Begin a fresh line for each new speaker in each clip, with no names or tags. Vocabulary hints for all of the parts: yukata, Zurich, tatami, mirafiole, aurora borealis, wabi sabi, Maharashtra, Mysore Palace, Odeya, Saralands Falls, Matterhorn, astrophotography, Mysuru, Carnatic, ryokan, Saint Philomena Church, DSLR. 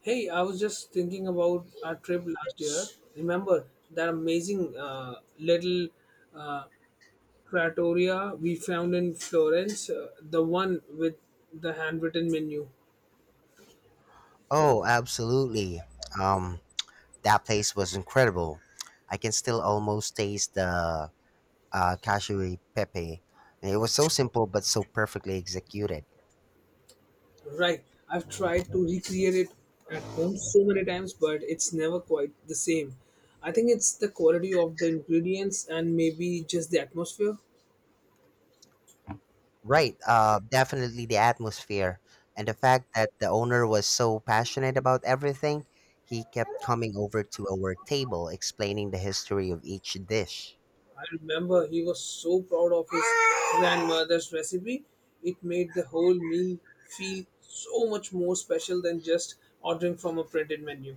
Hey, I was just thinking about our trip last year. Remember that amazing little uh, trattoria we found in Florence, the one with the handwritten menu?
Oh, absolutely. Um, that place was incredible. I can still almost taste the cashew pepe. And it was so simple but so perfectly executed.
Right. I've tried to recreate it at home so many times, but it's never quite the same. I think it's the quality of the ingredients and maybe just the atmosphere.
Right. Definitely the atmosphere and the fact that the owner was so passionate about everything. He kept coming over to our table, explaining the history of each dish.
I remember he was so proud of his grandmother's recipe. It made the whole meal feel so much more special than just ordering from a printed menu.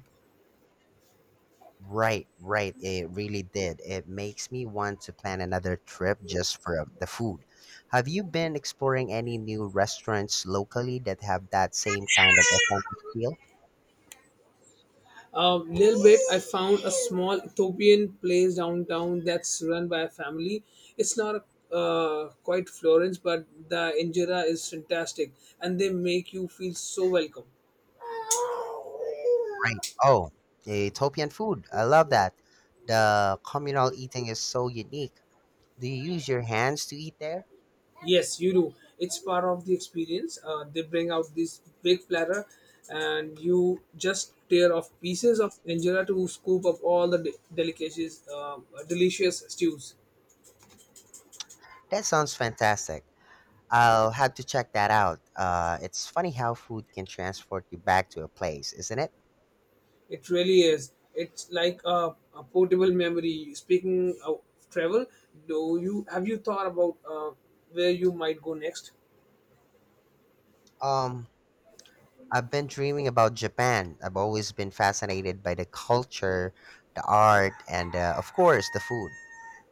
Right, right. It really did. It makes me want to plan another trip just for the food. Have you been exploring any new restaurants locally that have that same kind of authentic feel?
A little bit, I found a small Ethiopian place downtown that's run by a family. It's not quite Florence, but the injera is fantastic, and they make you feel so welcome.
Right. Oh, Ethiopian food. I love that. The communal eating is so unique. Do you use your hands to eat there?
Yes, you do. It's part of the experience. They bring out this big platter, and you just tear off pieces of injera to scoop up all the delicacies, delicious stews.
That sounds fantastic. I'll have to check that out. It's funny how food can transport you back to a place, isn't it?
It really is. It's like a portable memory. Speaking of travel, do you have you thought about where you might go next?
Um, I've been dreaming about Japan. I've always been fascinated by the culture, the art, and of course the food.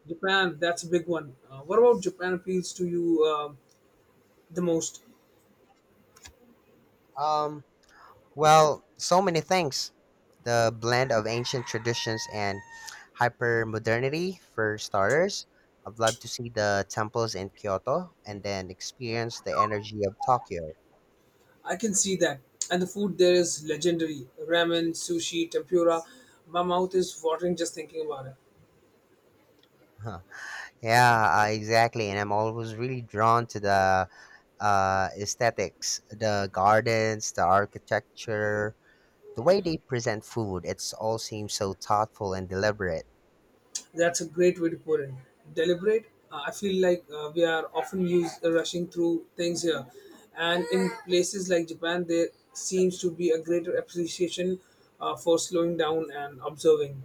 Japan, that's a big one. What about Japan appeals to you the most?
Um, Well, so many things. The blend of ancient traditions and hyper modernity, for starters. I'd love to see the temples in Kyoto and then experience the energy of Tokyo.
I can see that. And the food there is legendary ramen, sushi, tempura. My mouth is watering just thinking about it.
Huh. Yeah, exactly. And I'm always really drawn to the aesthetics, the gardens, the architecture, the way they present food. It's all seems so thoughtful and deliberate.
That's a great way to put it. Deliberate. I feel like we are often used rushing through things here. And in places like Japan, there seems to be a greater appreciation for slowing down and observing.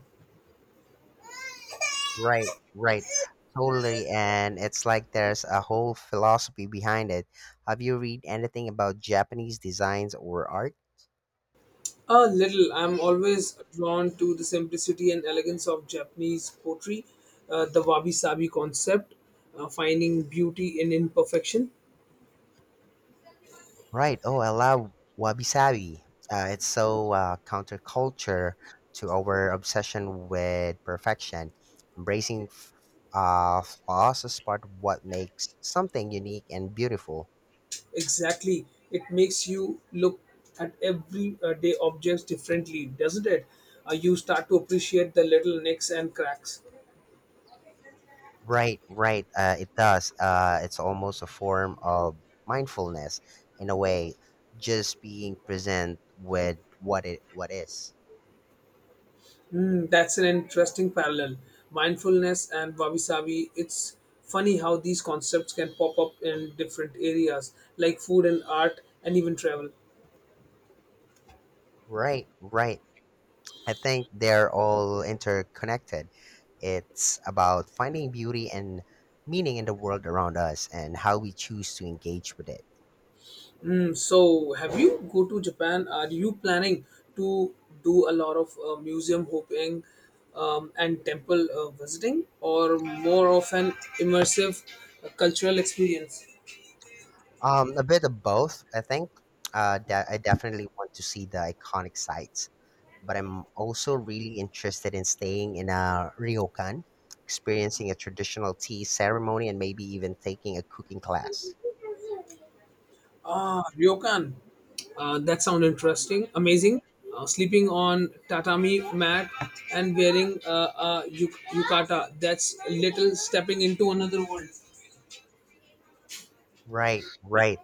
Right, right. Totally. And it's like there's a whole philosophy behind it. Have you read anything about Japanese designs or art?
A little. I'm always drawn to the simplicity and elegance of Japanese poetry, the wabi sabi concept, finding beauty in imperfection.
Right. Oh, I love wabi sabi. It's so counterculture to our obsession with perfection. Embracing flaws is part of what makes something unique and beautiful.
Exactly. It makes you look at everyday objects differently, doesn't it? You start to appreciate the little nicks and cracks.
Right, right. It does. It's almost a form of mindfulness in a way, just being present with what is.
Mm, that's an interesting parallel. Mindfulness and wabi sabi. It's funny how these concepts can pop up in different areas like food and art and even travel.
Right, right. I think they're all interconnected. It's about finding beauty and meaning in the world around us and how we choose to engage with it.
Mm, so, have you go to Japan? Are you planning to do a lot of museum hopping and temple visiting, or more of an immersive cultural experience?
A bit of both, I think. I definitely want to see the iconic sites, but I'm also really interested in staying in a ryokan, experiencing a traditional tea ceremony, and maybe even taking a cooking class.
Ah, ryokan. That sounds interesting, amazing. Sleeping on tatami mat and wearing a yukata. That's a little stepping into another world.
Right, right.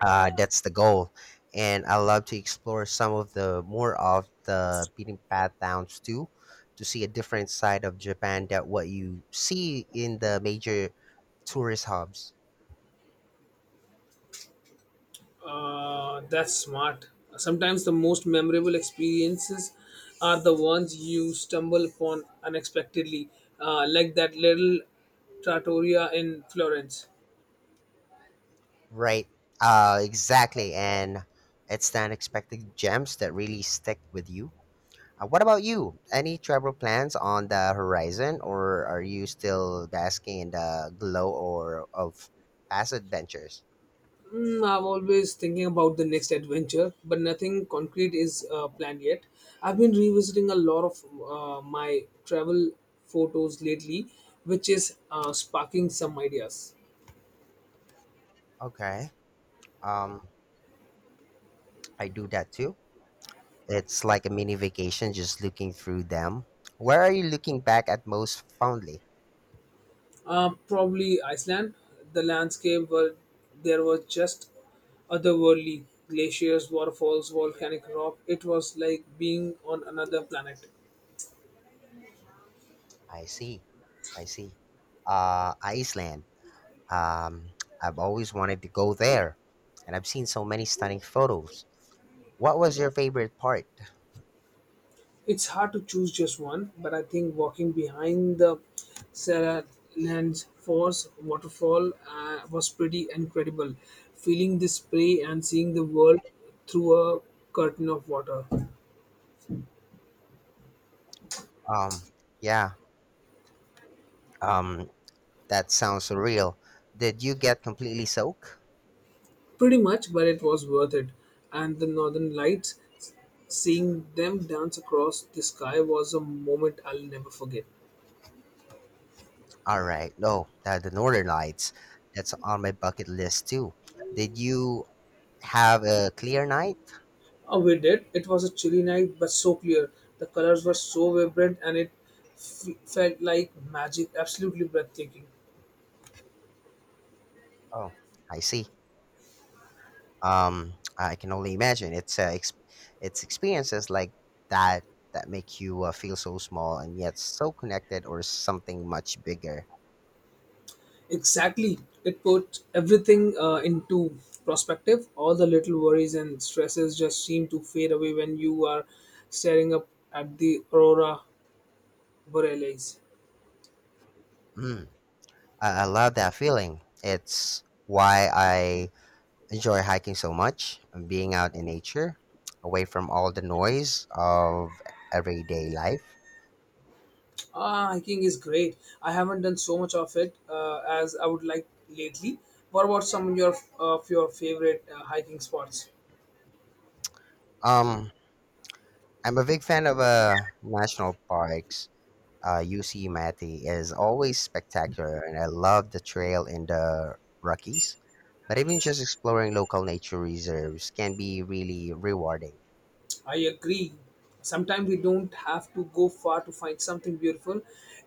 That's the goal. And I love to explore some of the more of the beaten path towns too, to see a different side of Japan that what you see in the major tourist hubs.
That's smart. Sometimes the most memorable experiences are the ones you stumble upon unexpectedly, like that little trattoria in Florence.
Right. Exactly. And it's the unexpected gems that really stick with you. What about you? Any travel plans on the horizon, or are you still basking in the glow or of past adventures?
Mm, I'm always thinking about the next adventure, but nothing concrete is planned yet. I've been revisiting a lot of my travel photos lately, which is sparking some ideas.
Okay. Um, I do that too. It's like a mini vacation just looking through them. Where are you looking back at most fondly?
Probably Iceland. The landscape were there was just otherworldly glaciers, waterfalls, volcanic rock. It was like being on another planet.
I see. I see. Iceland. Um, I've always wanted to go there, and I've seen so many stunning photos. What was your favorite part?
It's hard to choose just one, but I think walking behind the Saralands Falls waterfall was pretty incredible. Feeling the spray and seeing the world through a curtain of water.
Um, yeah. Um, that sounds surreal. Did you get completely soaked?
Pretty much, but it was worth it. And the northern lights, seeing them dance across the sky was a moment I'll never forget.
All right. No, the Northern Lights. That's on my bucket list too. Did you have a clear night?
Oh, we did. It was a chilly night, but so clear. The colors were so vibrant, and it felt like magic. Absolutely breathtaking.
Oh, I see. I can only imagine. It's experiences like that that make you feel so small and yet so connected, or something much bigger.
Exactly. It put everything into perspective. All the little worries and stresses just seem to fade away when you are staring up at the aurora borealis.
Mm. I love that feeling. It's why I enjoy hiking so much, being out in nature, away from all the noise of everyday life.
Ah, hiking is great. I haven't done so much of it as I would like lately. What about some of your favorite hiking spots?
Um, I'm a big fan of national parks. UC Mati is always spectacular, and I love the trail in the Rockies. But even just exploring local nature reserves can be really rewarding.
I agree. Sometimes we don't have to go far to find something beautiful.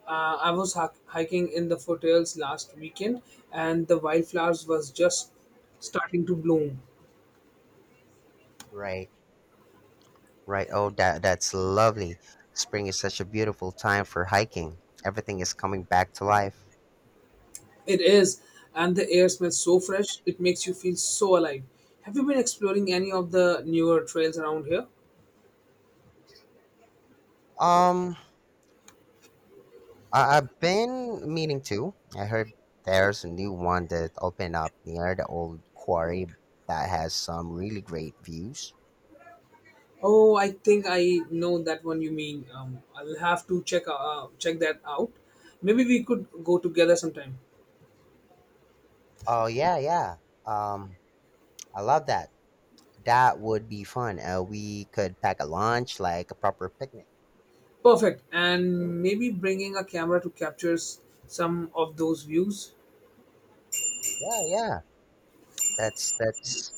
I was hiking in the foothills last weekend, and the wildflowers was just starting to bloom.
Right. Right. Oh, that that's lovely. Spring is such a beautiful time for hiking. Everything is coming back to life.
It is, and the air smells so fresh. It makes you feel so alive. Have you been exploring any of the newer trails around here?
Um, I've been meaning to. I heard there's a new one that opened up near the old quarry that has some really great views.
Oh, I think I know that one you mean. I'll have to check that out. Maybe we could go together sometime.
Oh yeah, yeah. Um, I love that. That would be fun. We could pack a lunch like a proper picnic.
Perfect. And maybe bringing a camera to capture some of those views.
Yeah, yeah. That's that's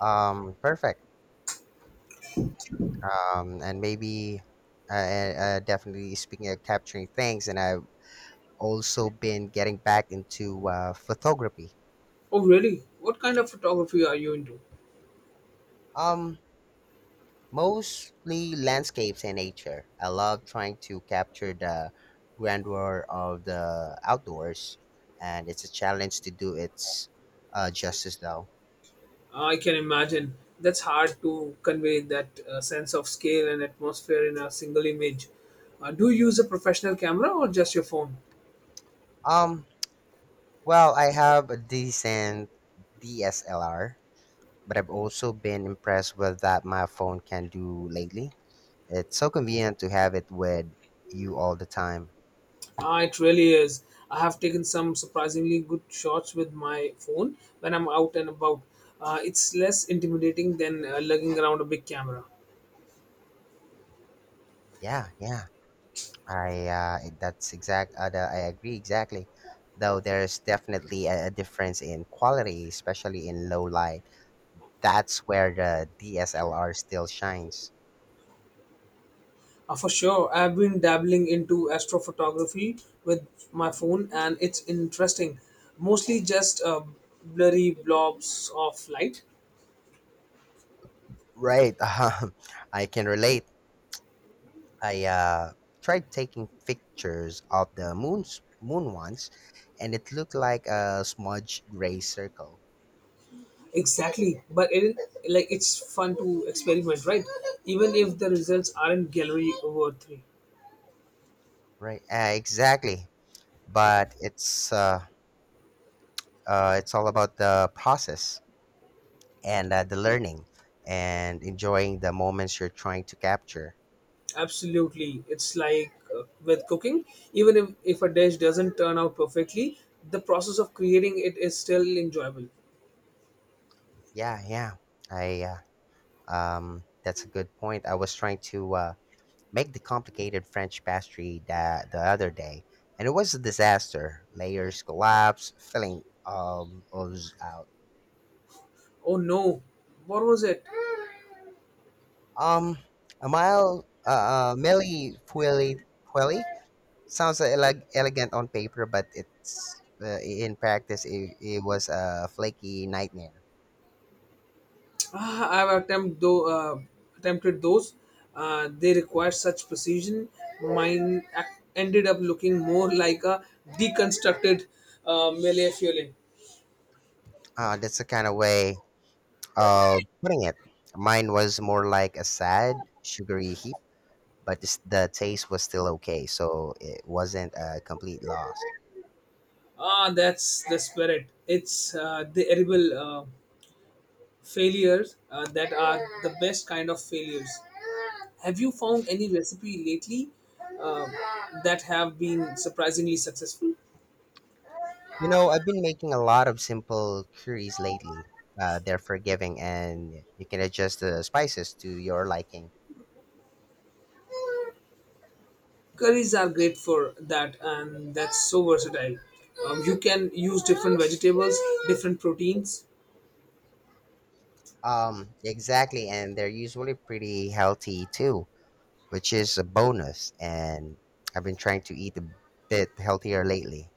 um perfect. And maybe Definitely speaking of capturing things, and I've also been getting back into photography.
Oh, really? What kind of photography are you into?
Um, Mostly landscapes and nature. I love trying to capture the grandeur of the outdoors, and it's a challenge to do its justice, though.
I can imagine. That's hard to convey that sense of scale and atmosphere in a single image. Do you use a professional camera or just your phone?
Um, well, I have a decent DSLR, but I've also been impressed with that my phone can do lately. It's so convenient to have it with you all the time.
It really is. I have taken some surprisingly good shots with my phone when I'm out and about. It's less intimidating than lugging around a big camera.
Yeah, yeah. I agree exactly. Though there's definitely a difference in quality, especially in low light. That's where the DSLR still shines.
For sure, I've been dabbling into astrophotography with my phone, and it's interesting. Mostly just blurry blobs of light.
Right. I can relate. I Tried taking pictures of the moon once, and it looked like a smudged gray circle.
Exactly, but it like it's fun to experiment, right? Even if the results aren't gallery worthy.
Right. Exactly. But it's It's all about the process and the learning and enjoying the moments you're trying to capture.
Absolutely. It's like with cooking, even if a dish doesn't turn out perfectly, the process of creating it is still enjoyable.
Yeah, yeah. I That's a good point. I was trying to make the complicated French pastry that the other day, and it was a disaster. Layers collapse, filling was out.
Oh no, what was it?
Um, a mile milli fueli. Sounds elegant on paper, but it's in practice it was a flaky nightmare.
Ah, attempted those. They require such precision. Mine ended up looking more like a deconstructed mele fiole.
That's the kind of way of putting it. Mine was more like a sad, sugary heap, but this, the taste was still okay, so it wasn't a complete loss.
Ah, that's the spirit. It's the edible. Failures that are the best kind of failures. Have you found any recipe lately uh, that have been surprisingly successful?
You know, I've been making a lot of simple curries lately. They're forgiving, and you can adjust the spices to your liking.
Curries are great for that, and that's so versatile. You can use different vegetables, different proteins.
Exactly, and they're usually pretty healthy too, which is a bonus. And I've been trying to eat a bit healthier lately.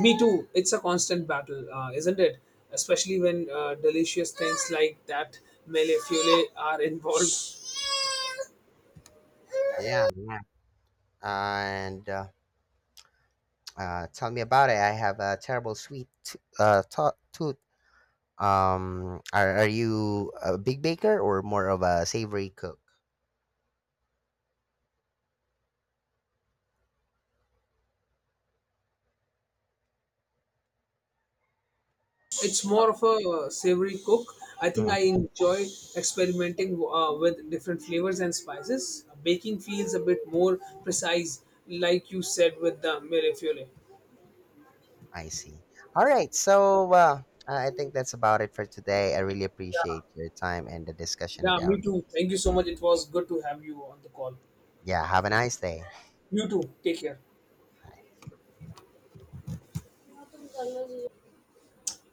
Me too. It's a constant battle, isn't it? Especially when delicious things like that mele fiole are involved.
Yeah, yeah. And Tell me about it. I have a terrible tooth. Are you a big baker or more of a savory cook?
It's more of a savory cook. I think I enjoy experimenting with different flavors and spices. Baking feels a bit more precise, like you said with the mirafiole.
I see. All right. So I think that's about it for today. I really appreciate your time and the discussion. At
Yeah,
our,
me too. Thank you so much. It was good to have you on the call.
yeah. Have a nice day.
You too. Take care.